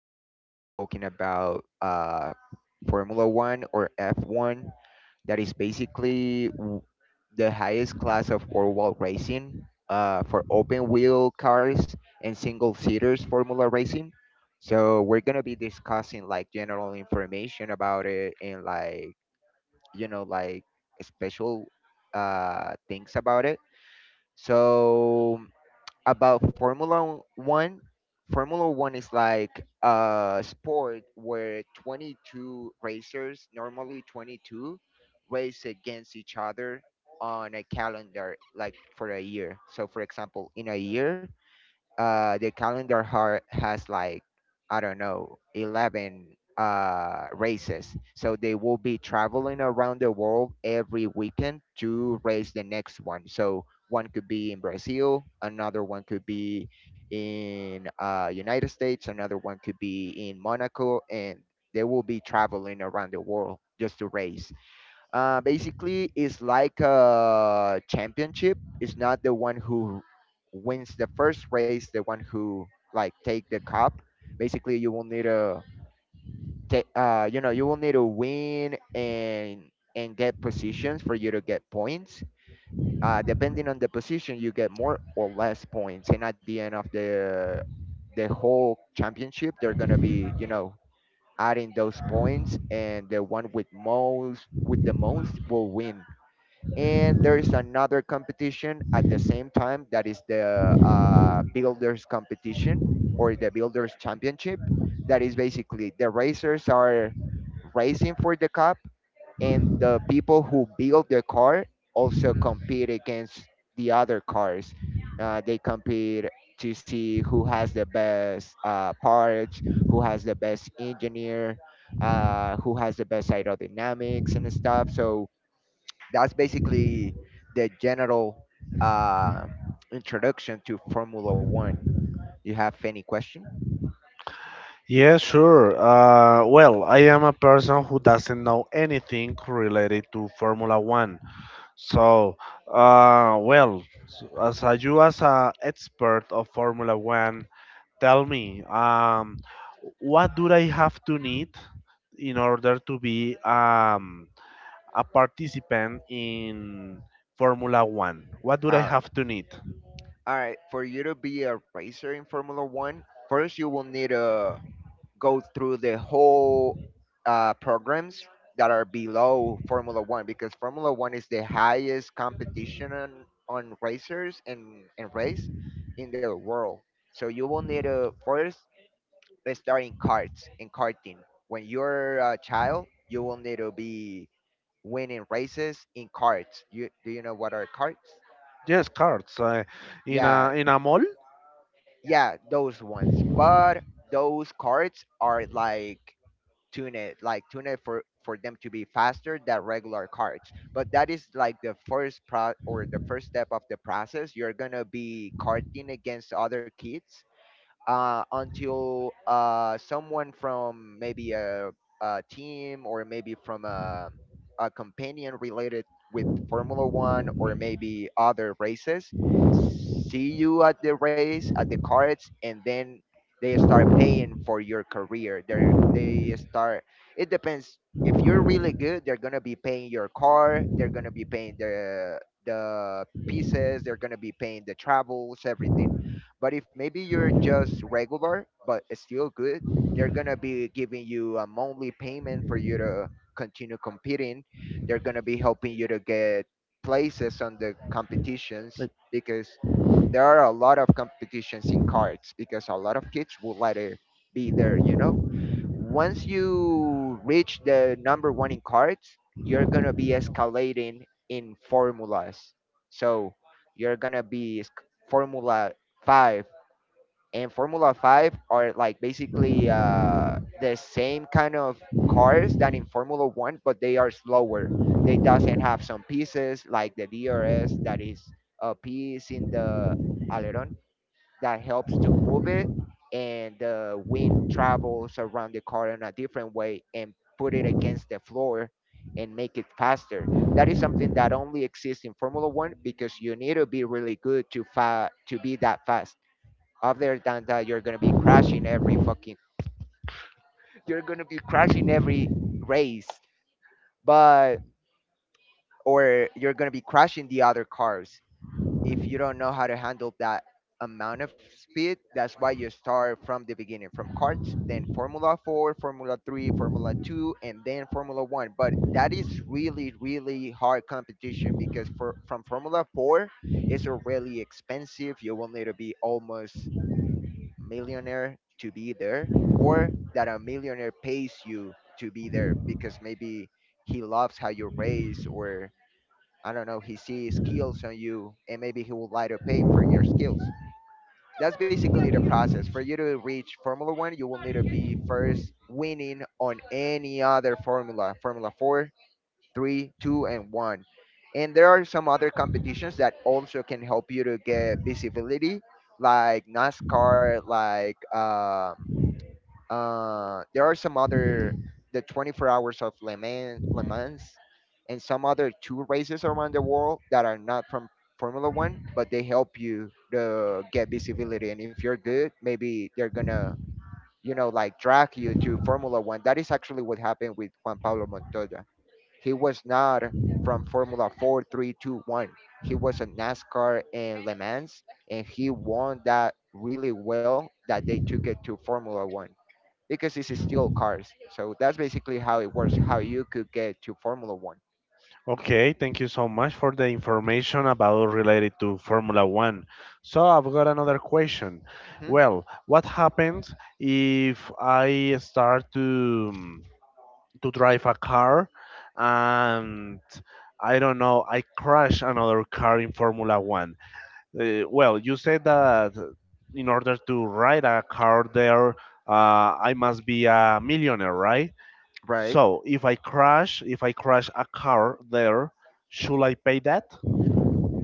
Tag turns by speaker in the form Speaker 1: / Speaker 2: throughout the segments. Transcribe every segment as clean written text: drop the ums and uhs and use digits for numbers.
Speaker 1: we're gonna be talking about Formula One or F1. That is basically the highest class of worldwide racing for open wheel cars and single seaters Formula racing. So we're gonna be discussing like general information about it and like like special things about it. So about Formula One, Formula One is like a sport where 22 racers, normally 22, race against each other on a calendar, like for a year. So, for example, in a year, the calendar har has like I don't know 11 races, so they will be traveling around the world every weekend to race the next one. So one could be in Brazil, another one could be in United States, another one could be in Monaco, and they will be traveling around the world just to race. Basically, it's like a championship. It's not the one who wins the first race, the one who like take the cup. Basically, you will need a you will need to win and get positions for you to get points. Depending on the position, you get more or less points. And at the end of the whole championship, they're gonna be adding those points, and the one with most will win. And there is another competition at the same time that is the builders competition or the builders championship. That is basically the racers are racing for the cup, and the people who build the car also compete against the other cars. They compete to see who has the best parts, who has the best engineer, who has the best aerodynamics and stuff. So that's basically the general uh, introduction to Formula One. You have any question?
Speaker 2: Yeah, sure. I am a person who doesn't know anything related to Formula One. So, as you as a expert of Formula One, tell me, what do I have to need in order to be a participant in Formula One? What do I
Speaker 1: All right.
Speaker 2: have to need?
Speaker 1: All right. For you to be a racer in Formula One, first you will need to go through the whole programs that are below Formula One, because Formula One is the highest competition on racers and race in the world. So you will need to first, let's start in cards and karting. When you're a child, you will need to be winning races in cards. You know what are cards?
Speaker 2: Yes, cards in a
Speaker 1: Yeah,
Speaker 2: in a mall.
Speaker 1: yeah, those ones. But those cards are like tuned for them to be faster than regular cards. But that is like the first pro or the first step of the process. You're gonna be karting against other kids until someone from maybe a team, or maybe from a companion related with Formula One or maybe other races, see you at the race, at the cards, and then they start paying for your career. They start. It depends. If you're really good, they're gonna be paying your car. They're gonna be paying the pieces. They're gonna be paying the travels, everything. But if maybe you're just regular but still good, they're gonna be giving you a monthly payment for you to continue competing. They're gonna be helping you to get places on the competitions because there are a lot of competitions in cards because a lot of kids would like to be there, you know? Once you reach the number one in cards, you're gonna be escalating in formulas. So you're gonna be formula five, and Formula five are like basically the same kind of cars than in Formula one, but they are slower. They doesn't have some pieces like the DRS, that is a piece in the aileron that helps to move it, and the wind travels around the car in a different way and put it against the floor and make it faster. That is something that only exists in Formula One because you need to be really good to to be that fast. Other than that, you're gonna be crashing you're gonna be crashing every race, but or you're gonna be crashing the other cars if you don't know how to handle that amount of speed. That's why you start from the beginning, from karts, then Formula Four, Formula Three, Formula Two, and then Formula One. But that is really, really hard competition because for from Formula Four, it's a really expensive. You will need to be almost millionaire to be there, or that a millionaire pays you to be there because maybe he loves how you raise, or I don't know, he sees skills on you and maybe he would like to pay for your skills. That's basically the process. For you to reach Formula One, you will need to be first winning on any other formula, Formula Four, Three, Two, and One. And there are some other competitions that also can help you to get visibility, like NASCAR, like there are some other, the 24 hours of Le Mans, Le Mans, and some other two races around the world that are not from Formula One, but they help you to get visibility. And if you're good, maybe they're gonna, you know, like drag you to Formula One. That is actually what happened with Juan Pablo Montoya. He was not from Formula Four, Three, Two, One. He was a NASCAR and Le Mans, and he won that really well that they took it to Formula One because it's still cars. So that's basically how it works, how you could get to Formula One.
Speaker 2: Okay, thank you so much for the information about related to Formula One. So I've got another question.
Speaker 1: Hmm?
Speaker 2: Well, what happens if I start to drive a car and I don't know, I crash another car in Formula One? You said that in order to ride a car there, I must be a millionaire, right?
Speaker 1: Right.
Speaker 2: So if I crash a car there, should I pay that?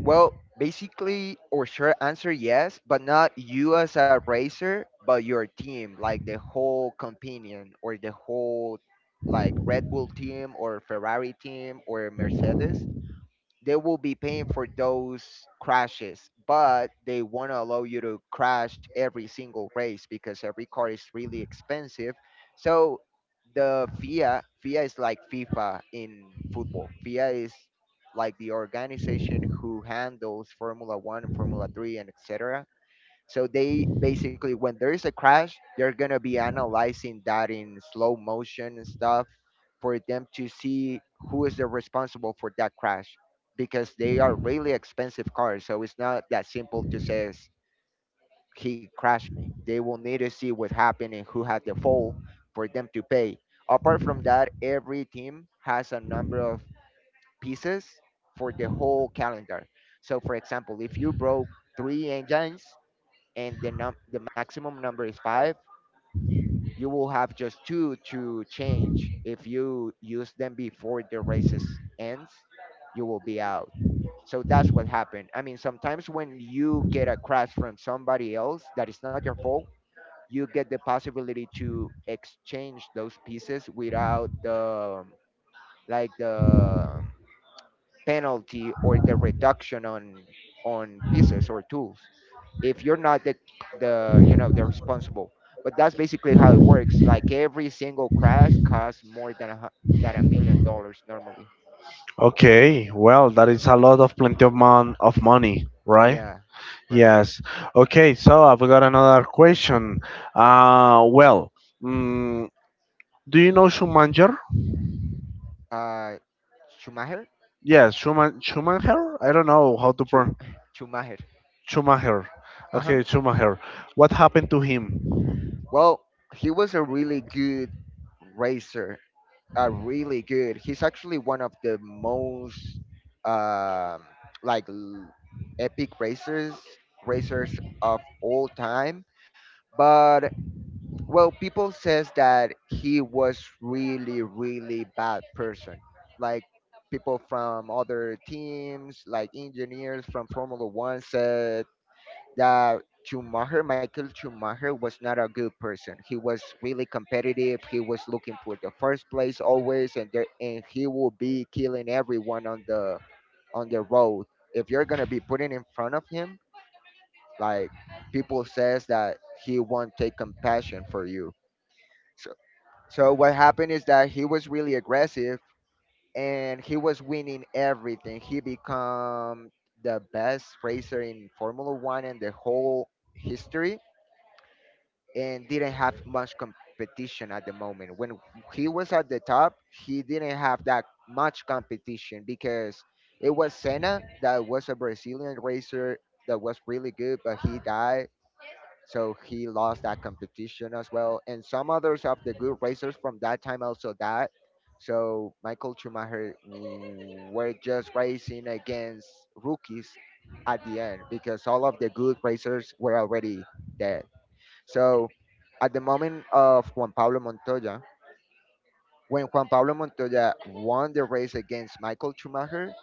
Speaker 1: Well, basically, or sure answer yes, but not you as a racer, but your team, like the whole companion or the whole, like Red Bull team or Ferrari team or Mercedes. They will be paying for those crashes, but they want to allow you to crash every single race because every car is really expensive. So the FIA, FIA is like FIFA in football. FIA is like the organization who handles Formula One, Formula Three, and etc. So they basically, when there is a crash, they're gonna be analyzing that in slow motion and stuff for them to see who is the responsible for that crash, because they are really expensive cars. So it's not that simple to say, he crashed me." They will need to see what happened and who had the fault for them to pay. Apart from that, every team has a number of pieces for the whole calendar. So, for example, if you broke three engines, and the num the maximum number is five, you will have just two to change. If you use them before the races ends, you will be out. So that's what happened. I mean, sometimes when you get a crash from somebody else that is not your fault, you get the possibility to exchange those pieces without the, like, the penalty or the reduction on pieces or tools if you're not the you know, the responsible. But that's basically how it works. Like every single crash costs more than than $1 million normally.
Speaker 2: Okay, well, that is a lot of plenty of money, right?
Speaker 1: Yeah, right.
Speaker 2: Yes. Okay, so I've got another question. Uh, well, mm, do you know Schumacher?
Speaker 1: Uh, Schumacher?
Speaker 2: Yes, Schumann Schumacher. I don't know how to
Speaker 1: Schu-
Speaker 2: pronounce
Speaker 1: Schumacher.
Speaker 2: Schumacher.
Speaker 1: Uh huh.
Speaker 2: Okay, Schumacher. What happened to him?
Speaker 1: Well, he was a really good racer. Really good. He's actually one of the most um, like l- epic racers of all time. But well, people says that he was really, really bad person, like people from other teams, like engineers from formula one, said that schumacher Michael Schumacher was not a good person. He was really competitive. He was looking for the first place always, and he will be killing everyone on the road if you're gonna be putting in front of him. Like, people says that he won't take compassion for you. So, so what happened is that he was really aggressive and he was winning everything. He become the best racer in Formula 1 and the whole history, and didn't have much competition at the moment. When he was at the top, he didn't have that much competition because it was Senna, that was a Brazilian racer that was really good, but he died, so he lost that competition as well. And some others of the good racers from that time also died. So Michael Schumacher were just racing against rookies at the end because all of the good racers were already dead. So at the moment of Juan Pablo Montoya, when Juan Pablo Montoya won the race against Michael Schumacher,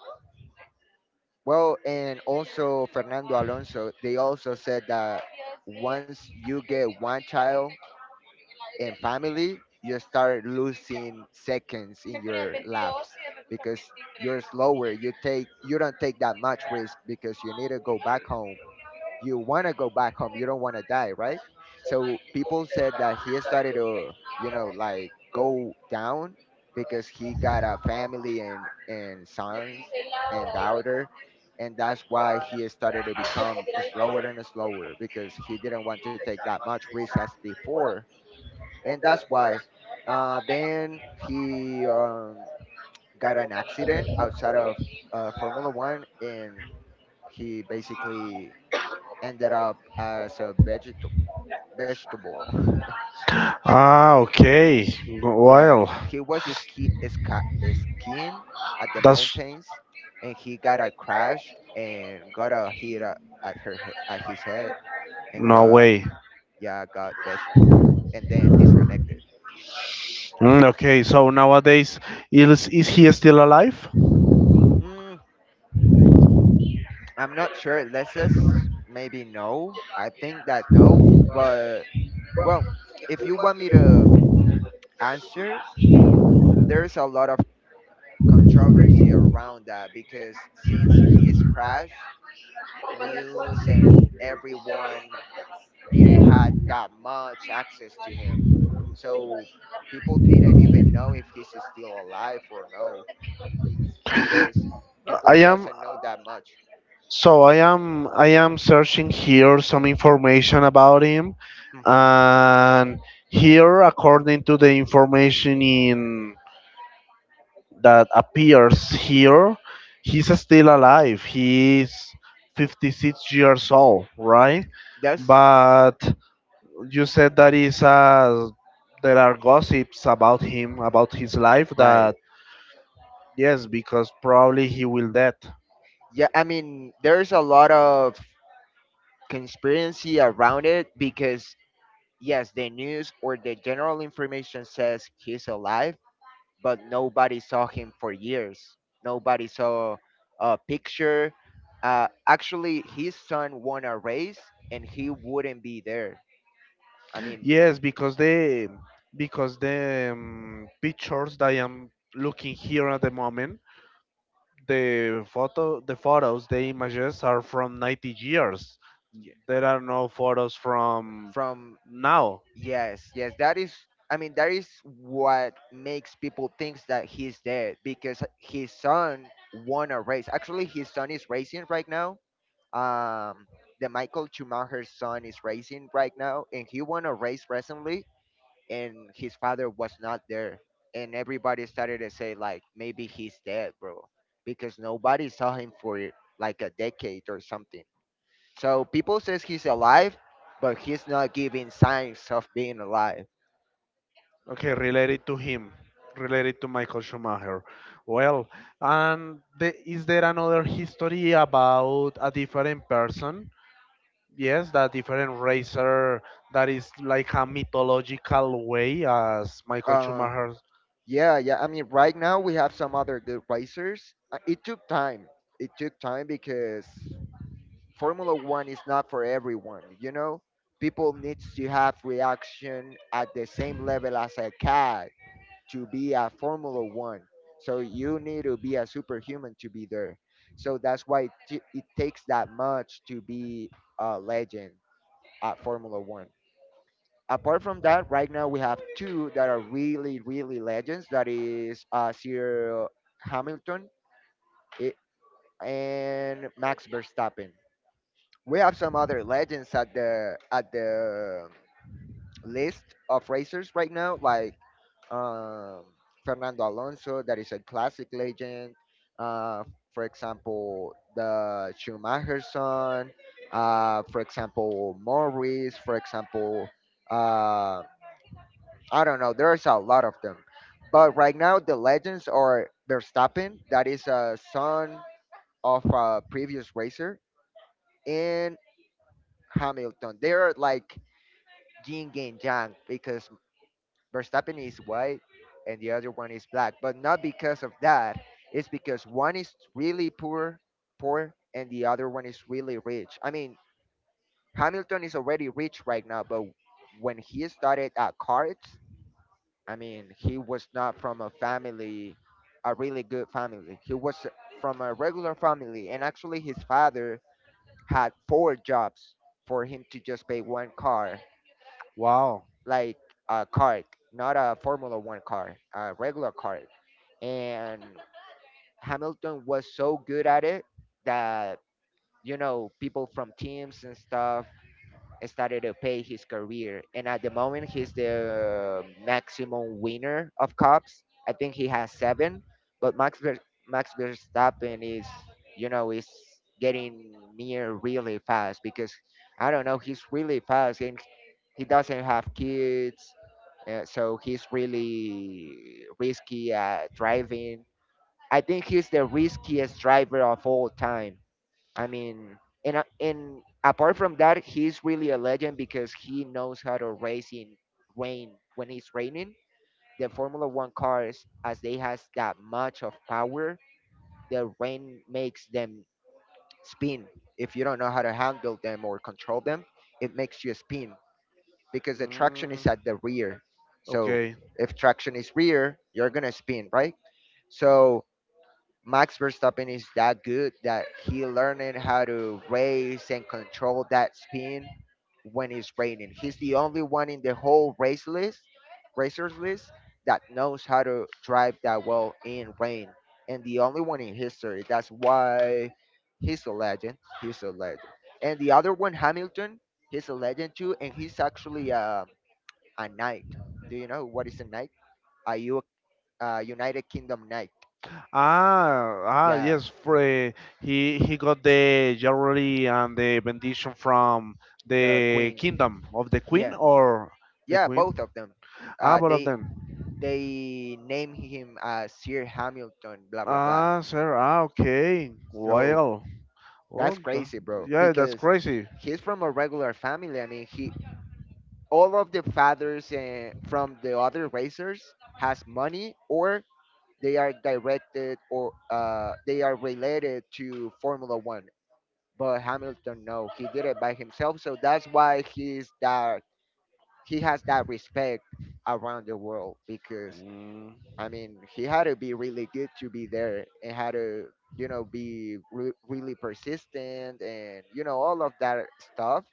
Speaker 1: well, and also Fernando Alonso, they also said that once you get one child and family, you start losing seconds in your laps because you're slower. You don't take that much risk because you need to go back home. You want to go back home. You don't want to die, right? So people said that he started to go down because he got a family and sons and daughter, and that's why he started to become slower and slower because he didn't want to take that much risk as before, and that's why. Then he got an accident outside of Formula One, and he basically ended up as a vegetable. Vegetable.
Speaker 2: Ah, okay.
Speaker 1: Yes,
Speaker 2: Well,
Speaker 1: he was skiing at the
Speaker 2: that's
Speaker 1: mountains, and he got a crash and got a hit a- at his head, and
Speaker 2: no
Speaker 1: got
Speaker 2: way.
Speaker 1: yeah got vegetable, and then disconnected.
Speaker 2: Okay, so nowadays is he still alive?
Speaker 1: Hmm, I'm not sure. Let's just maybe no. I think that no, but well, if you want me to answer, there's a lot of controversy around that because since his crash, news and everyone didn't had that much access to him. So people didn't even know if he's still alive or no because people
Speaker 2: I am
Speaker 1: doesn't know that much.
Speaker 2: I am searching here some information about him
Speaker 1: Hmm.
Speaker 2: and here according to the information in that appears here he's still alive. He's 56 years old, right?
Speaker 1: That's
Speaker 2: But you said that is there are gossips about him about his life
Speaker 1: right.
Speaker 2: that yes, because probably he will dead.
Speaker 1: Yeah, I mean, there's a lot of conspiracy around it because, yes, the news or the general information says he's alive, but nobody saw him for years. Nobody saw a picture. Actually, his son won a race and he wouldn't be there. I mean,
Speaker 2: Yes, because the pictures that I am looking here at the moment, the photos, the images are from 90 years.
Speaker 1: y-
Speaker 2: There are no photos from
Speaker 1: from
Speaker 2: now.
Speaker 1: yes, yes, that is. I mean, that is what makes people think that he's dead because his son won a race. Actually, his son is racing right now. Um, the Michael Schumacher's son is racing right now, and he won a race recently, and his father was not there, and everybody started to say like, maybe he's dead, bro, because nobody saw him for like a decade or something. So people says he's alive, but he's not giving signs of being alive.
Speaker 2: Okay, related to him, related to Michael Schumacher. Well, and is there another history about a different person? Yes, that different racer that is like a mythological way as Michael
Speaker 1: Uh,
Speaker 2: Schumacher.
Speaker 1: yeah, yeah. I mean, right now we have some other good racers. It took time. It took time because Formula One is not for everyone. You know, people needs to have reaction at the same level as a cat to be a Formula One. So you need to be a superhuman to be there. So that's why it takes that much to be a legend at Formula One. Apart from that, right now we have two that are really, really legends. That is Sir Hamilton i- and Max Verstappen. We have some other legends at the list of racers right now, like um, Fernando Alonso, that is a classic legend. Uh, for example, the Schumacher son. For example, Morris. For example, um, I don't know. There's a lot of them, but right now the legends are Verstappen, that is a son of a previous racer, and Hamilton. They're like yin and yang because Verstappen is white and the other one is black, but not because of that. It's because one is really poor, poor, and the other one is really rich. I mean, Hamilton is already rich right now, but when he started at cards, I mean, he was not from a family, a really good family. He was from a regular family, and actually, his father had four jobs for him to just pay one car,
Speaker 2: Wow.
Speaker 1: like a car, not a Formula One car, a regular car. And Hamilton was so good at it that, you know, people from teams and stuff started to pay his career. And at the moment, he's the maximum winner of cups. I think he has seven, but Max Verstappen is, you know, is getting near really fast because I don't know, he's really fast and he doesn't have kids, so he's really risky at driving. I think he's the riskiest driver of all time. I mean, and apart from that, he's really a legend because he knows how to race in rain when it's raining. The Formula One cars, as they has that much of power, the rain makes them spin. If you don't know how to handle them or control them, it makes you spin because the traction is
Speaker 2: mm,
Speaker 1: at the rear. So
Speaker 2: okay.
Speaker 1: if traction is rear, you're gonna spin, right? So Max Verstappen is that good that he learning how to race and control that spin when it's raining. He's the only one in the whole race list, racers list, that knows how to drive that well in rain, and the only one in history. That's why he's a legend. He's a legend. And the other one, Hamilton, he's a legend too, and he's actually a knight. Do you know what is a knight? A U- United Kingdom knight.
Speaker 2: Ah,
Speaker 1: Yeah,
Speaker 2: yes. for he got the jewelry and the benediction from
Speaker 1: the
Speaker 2: the
Speaker 1: queen.
Speaker 2: kingdom of the queen
Speaker 1: Yeah,
Speaker 2: or the
Speaker 1: yeah,
Speaker 2: queen.
Speaker 1: both of them.
Speaker 2: Ah,
Speaker 1: Uh,
Speaker 2: both of
Speaker 1: they
Speaker 2: them.
Speaker 1: they name him as Sir Hamilton, blah blah blah.
Speaker 2: Ah, sir. Ah, okay.
Speaker 1: So
Speaker 2: Oh,
Speaker 1: that's
Speaker 2: th-
Speaker 1: crazy, bro.
Speaker 2: yeah, that's
Speaker 1: Because he-
Speaker 2: crazy.
Speaker 1: he's from a regular family. I mean, he all of the fathers from the other racers has money, or they are directed, or they are related to Formula One. But Hamilton, no, he did it by himself. So that's why he's that he has that respect around the world because
Speaker 2: mm,
Speaker 1: I mean, he had to be really good to be there and had to, you know, be really persistent and, you know, all of that stuff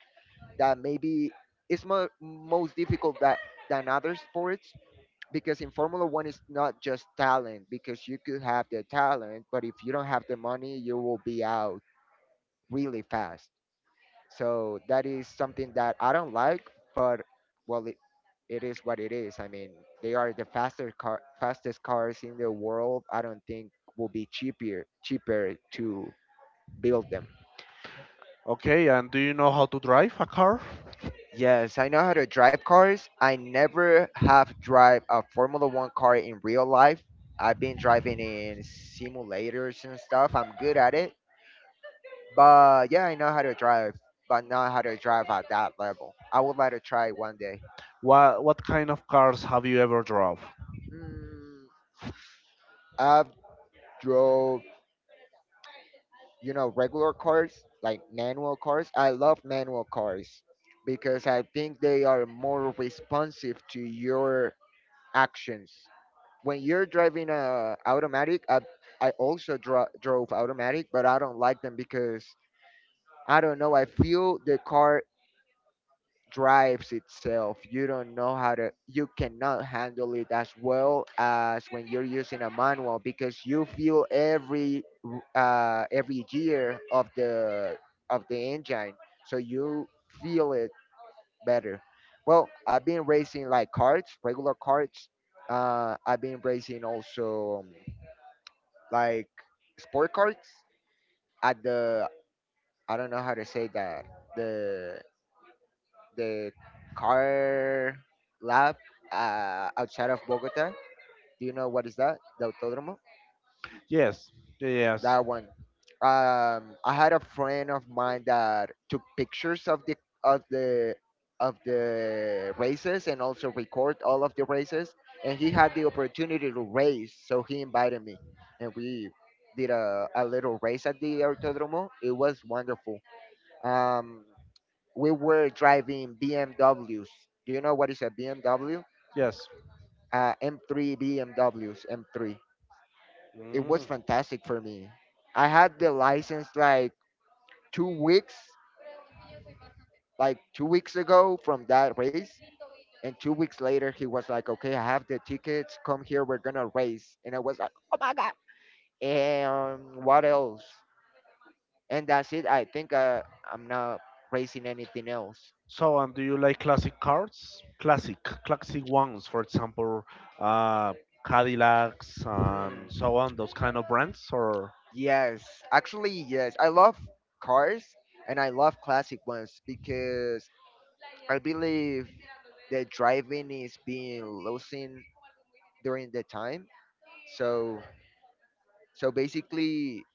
Speaker 1: that maybe is most difficult that, than other sports because in Formula One, it's not just talent because you could have the talent, but if you don't have the money, you will be out really fast. So that is something that I don't like, but well, it is what it is. I mean, they are the faster car, fastest cars in the world. I don't think will be cheaper to build them.
Speaker 2: okay. And do you know how to drive a car?
Speaker 1: Yes, I know how to drive cars. I never have drive a Formula One car in real life. I've been driving in simulators and stuff. I'm good at it. But yeah, I know how to drive, but not how to drive at that level. I would like to try one day.
Speaker 2: What kind of cars have you ever drove?
Speaker 1: Mm, I've drove, you know, regular cars, like manual cars. I love manual cars because I think they are more responsive to your actions. When you're driving a automatic, I also drove automatic, but I don't like them because I don't know. I feel the car drives itself. You don't know how to, you cannot handle it as well as when you're using a manual because you feel every gear of the engine, so you feel it better. Well, I've been racing like carts, regular carts. I've been racing also like sport carts at the I don't know how to say that, the the car lab outside of Bogota. Do you know what is that? The autódromo.
Speaker 2: Yes, yes,
Speaker 1: That one. I had a friend of mine that took pictures of of the the races and also record all of the races. And he had the opportunity to race, so he invited me, and we did a little race at the autódromo. It was wonderful. Um, we were driving BMWs. Do you know what is a BMW?
Speaker 2: yes.
Speaker 1: M3 BMWs, M3. It was
Speaker 2: Mm.
Speaker 1: fantastic for me. I had the license like 2 weeks, like 2 weeks ago from that race. And 2 weeks later, he was like, okay, I have the tickets. Come here. We're going to race. And I was like, what else? And that's it. I think I'm not racing anything else.
Speaker 2: So, and do you like classic cars? Classic ones, for example, uh, Cadillacs and
Speaker 1: Hmm.
Speaker 2: so on, those kind of brands, or?
Speaker 1: Yes, actually, yes. I love cars and I love classic ones because I believe that driving is being losing during the time. So, so basically,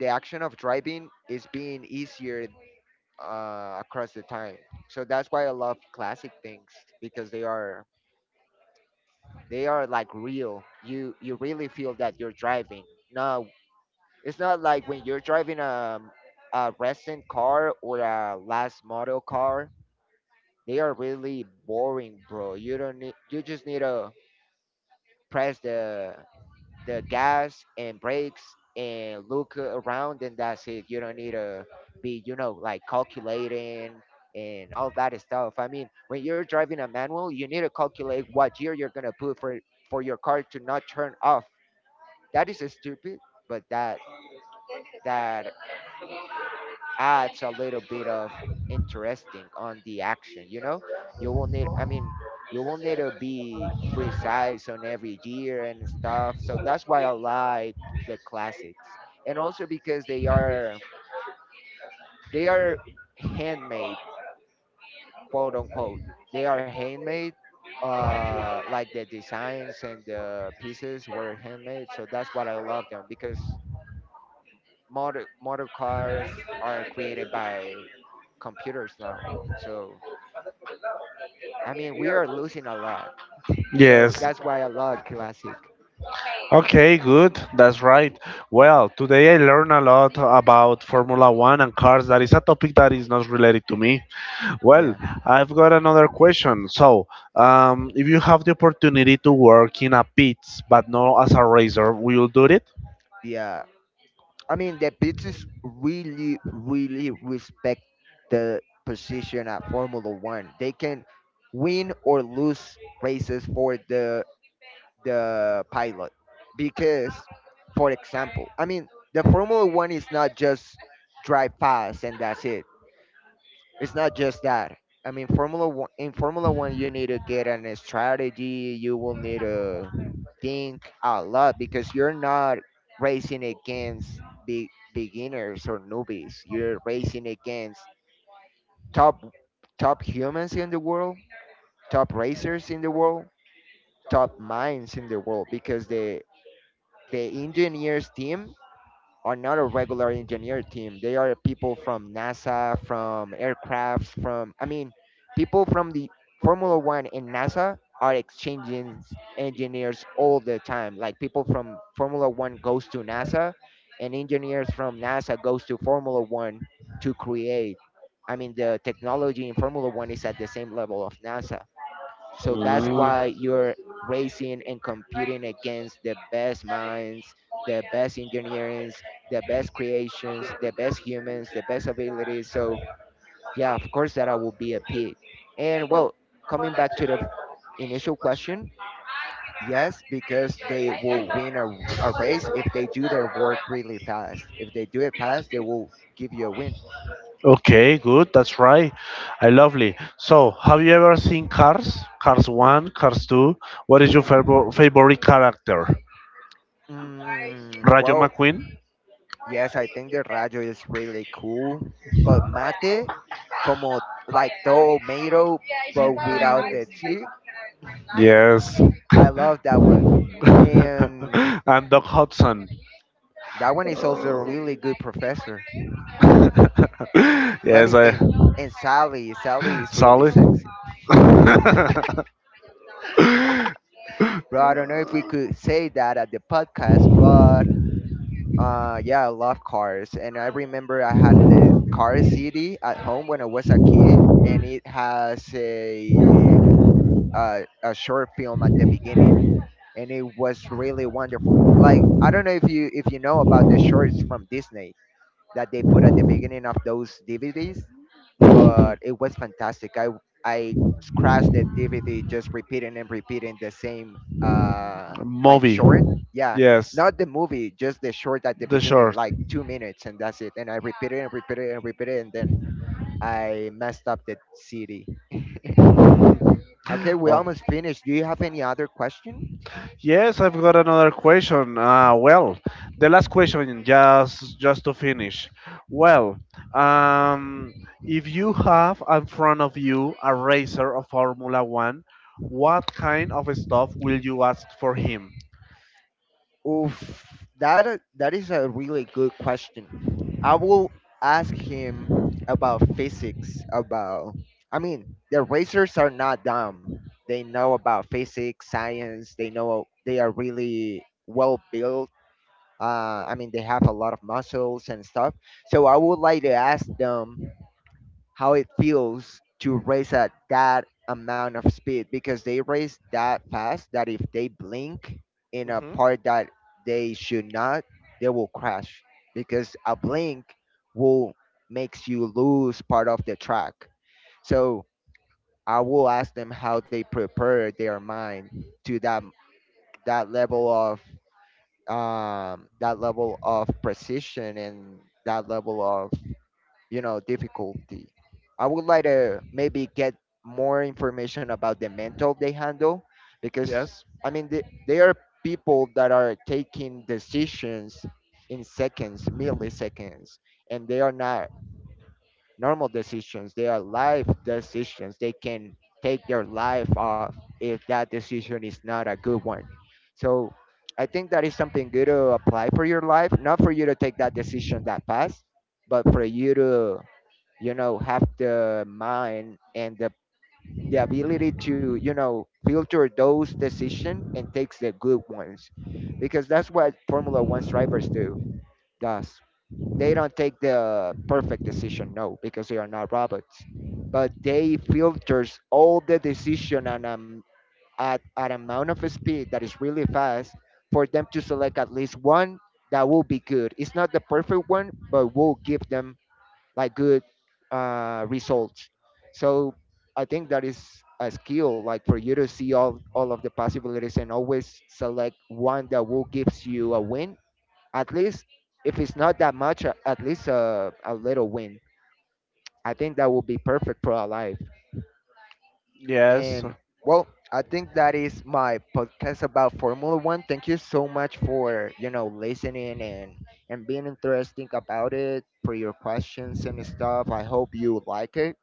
Speaker 1: the action of driving is being easier across the time. So that's why I love classic things because they are like real. You really feel that you're driving, not it's not like when you're driving a recent car or a last model car, they are really boring, bro. You don't need, you just need to press the gas and brakes and look around and that's it. You don't need to be, you know, like calculating and all that stuff. I mean, when you're driving a manual, you need to calculate what gear you're gonna put for your car to not turn off. That is stupid, but that adds a little bit of interesting on the action, you know, you will need, I mean, you will need to be precise on every year and stuff, so that's why I like the classics, and also because they are handmade, quote unquote, they are handmade, like the designs and the pieces were handmade, so that's what I love them because motor cars are created by computers now, so I mean, we are losing a lot. So
Speaker 2: Yes.
Speaker 1: that's why I love classic.
Speaker 2: Okay, good. That's right. Well, today I learned a lot about Formula One and cars. That is a topic that is not related to me. Well,
Speaker 1: Yeah.
Speaker 2: I've got another question. If you have the opportunity to work in a pit, but not as a racer, will you do it?
Speaker 1: Yeah, I mean the pizzas really, really respect the position at Formula One. They can win or lose races for the pilot because, for example, I mean the Formula One is not just drive fast and that's it. It's not just that. I mean, Formula One in Formula One, you need to get an strategy. You will need to think a lot because you're not racing against beginners or newbies. You're racing against top top humans in the world, top racers in the world, top minds in the world. Because the engineers team are not a regular engineer team. They are people from NASA, from aircrafts, from, people from the Formula One and NASA are exchanging engineers all the time. Like people from Formula One goes to NASA, and engineers from NASA goes to Formula One to create. I mean, the technology in Formula One is at the same level of NASA. So that's
Speaker 2: Mm,
Speaker 1: why you're racing and competing against the best minds, the best engineers, the best creations, the best humans, the best abilities. So yeah, of course that I will be a pig. And well, coming back to the initial question, yes, because they will win a race if they do their work really fast. If they do it fast, they will give you a win.
Speaker 2: okay, good. That's right. I lovely. So, have you ever seen Cars? Cars 1, Cars 2? What is your
Speaker 1: Hmm.
Speaker 2: favorite character?
Speaker 1: Mm,
Speaker 2: Rayo
Speaker 1: well,
Speaker 2: McQueen?
Speaker 1: yes, I think the Rayo is really cool, but mate, como like tomato, but without the tea,
Speaker 2: Yes.
Speaker 1: I love that one. And
Speaker 2: And Doc Hudson.
Speaker 1: that one is also a really good professor. Let me
Speaker 2: Yes, I.
Speaker 1: think. And Sally is really
Speaker 2: Solid.
Speaker 1: sexy. Bro, I don't know if we could say that at the podcast, but yeah, I love cars. And I remember I had the car city at home when I was a kid, and it has a short film at the beginning and it was really wonderful. Like, I don't know if you know about the shorts from Disney that they put at the beginning of those DVDs, but it was fantastic. I scratched the DVD just repeating and repeating the same uh like
Speaker 2: Movie.
Speaker 1: short. Yeah,
Speaker 2: Yes,
Speaker 1: not the movie, just the short at the
Speaker 2: the
Speaker 1: beginning,
Speaker 2: short.
Speaker 1: like 2 minutes and that's it. And I repeated and repeated and repeated, and then I messed up the CD. Okay, we almost finished. Do you have any other question?
Speaker 2: Yes, I've got another question. The last question, just to finish. Well, um, if you have in front of you a racer of Formula One, what kind of stuff will you ask for him?
Speaker 1: Oof, that is a really good question. I will ask him about physics. About, I mean, the racers are not dumb. They know about physics, science. They know they are really well built. I mean, they have a lot of muscles and stuff. So I would like to ask them how it feels to race at that amount of speed, because they race that fast that if they blink in a
Speaker 2: Hmm.
Speaker 1: part that they should not, they will crash, because a blink will makes you lose part of the track. So I will ask them how they prepare their mind to that level of that level of precision, and that level of, you know, difficulty. I would like to maybe get more information about the mental they handle. Because
Speaker 2: Yes.
Speaker 1: I mean, they are people that are taking decisions in seconds, milliseconds, and they are not normal decisions. They are life decisions. They can take their life off if that decision is not a good one. So I think that is something good to apply for your life, not for you to take that decision that fast, but for you to, you know, have the mind and the ability to, you know, filter those decisions and takes the good ones, because that's what Formula One's drivers do. Does. They don't take the perfect decision, no, because they are not robots, but they filters all the decision, and at an amount of speed that is really fast, for them to select at least one that will be good. It's not the perfect one, but will give them like good results. So I think that is a skill, like for you to see all of the possibilities and always select one that will gives you a win. At least if it's not that much, at least a little win. I think that will be perfect for our life.
Speaker 2: Yes.
Speaker 1: And well, I think that is my podcast about Formula One. Thank you so much for, you know, listening and being interesting about it, for your questions and stuff. I hope you like it.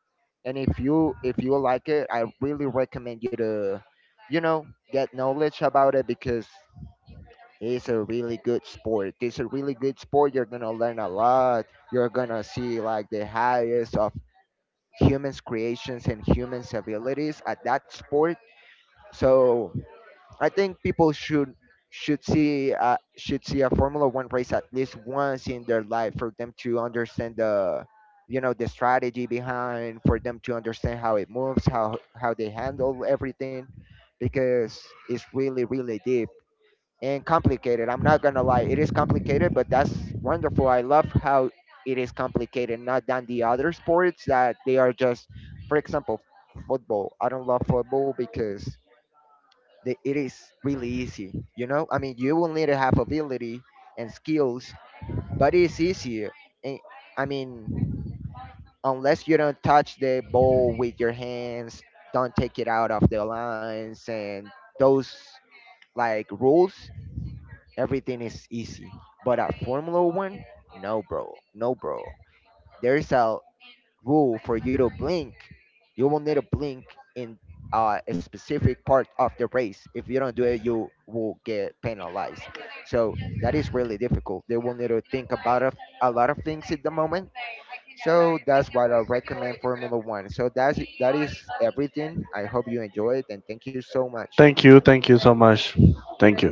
Speaker 1: And if you like it, I really recommend you to, you know, get knowledge about it, because it's a really good sport. It's a really good sport. You're gonna learn a lot. You're gonna see like the highest of humans' creations and humans' abilities at that sport. So I think people should see should see a Formula One race at least once in their life for them to understand the, you know, the strategy behind, for them to understand how it moves, how they handle everything, because it's really really deep and complicated. I'm not gonna lie, it is complicated, but that's wonderful. I love how it is complicated, not than the other sports that they are just, for example, football. I don't love football because the, it is really easy. You know, I mean, you will need to have ability and skills, but it's easier. And, I mean, unless you don't touch the ball with your hands, don't take it out of the lines, and those like rules, everything is easy. But at Formula One, no, bro, no, bro. There's a rule for you to blink. You will need to blink in a specific part of the race. If you don't do it, you will get penalized. So that is really difficult. They will need to think about a lot of things at the moment. So that's what I recommend Formula One. So that is everything. I hope you enjoy it and thank you so much.
Speaker 2: Thank you. Thank you so much. Thank you.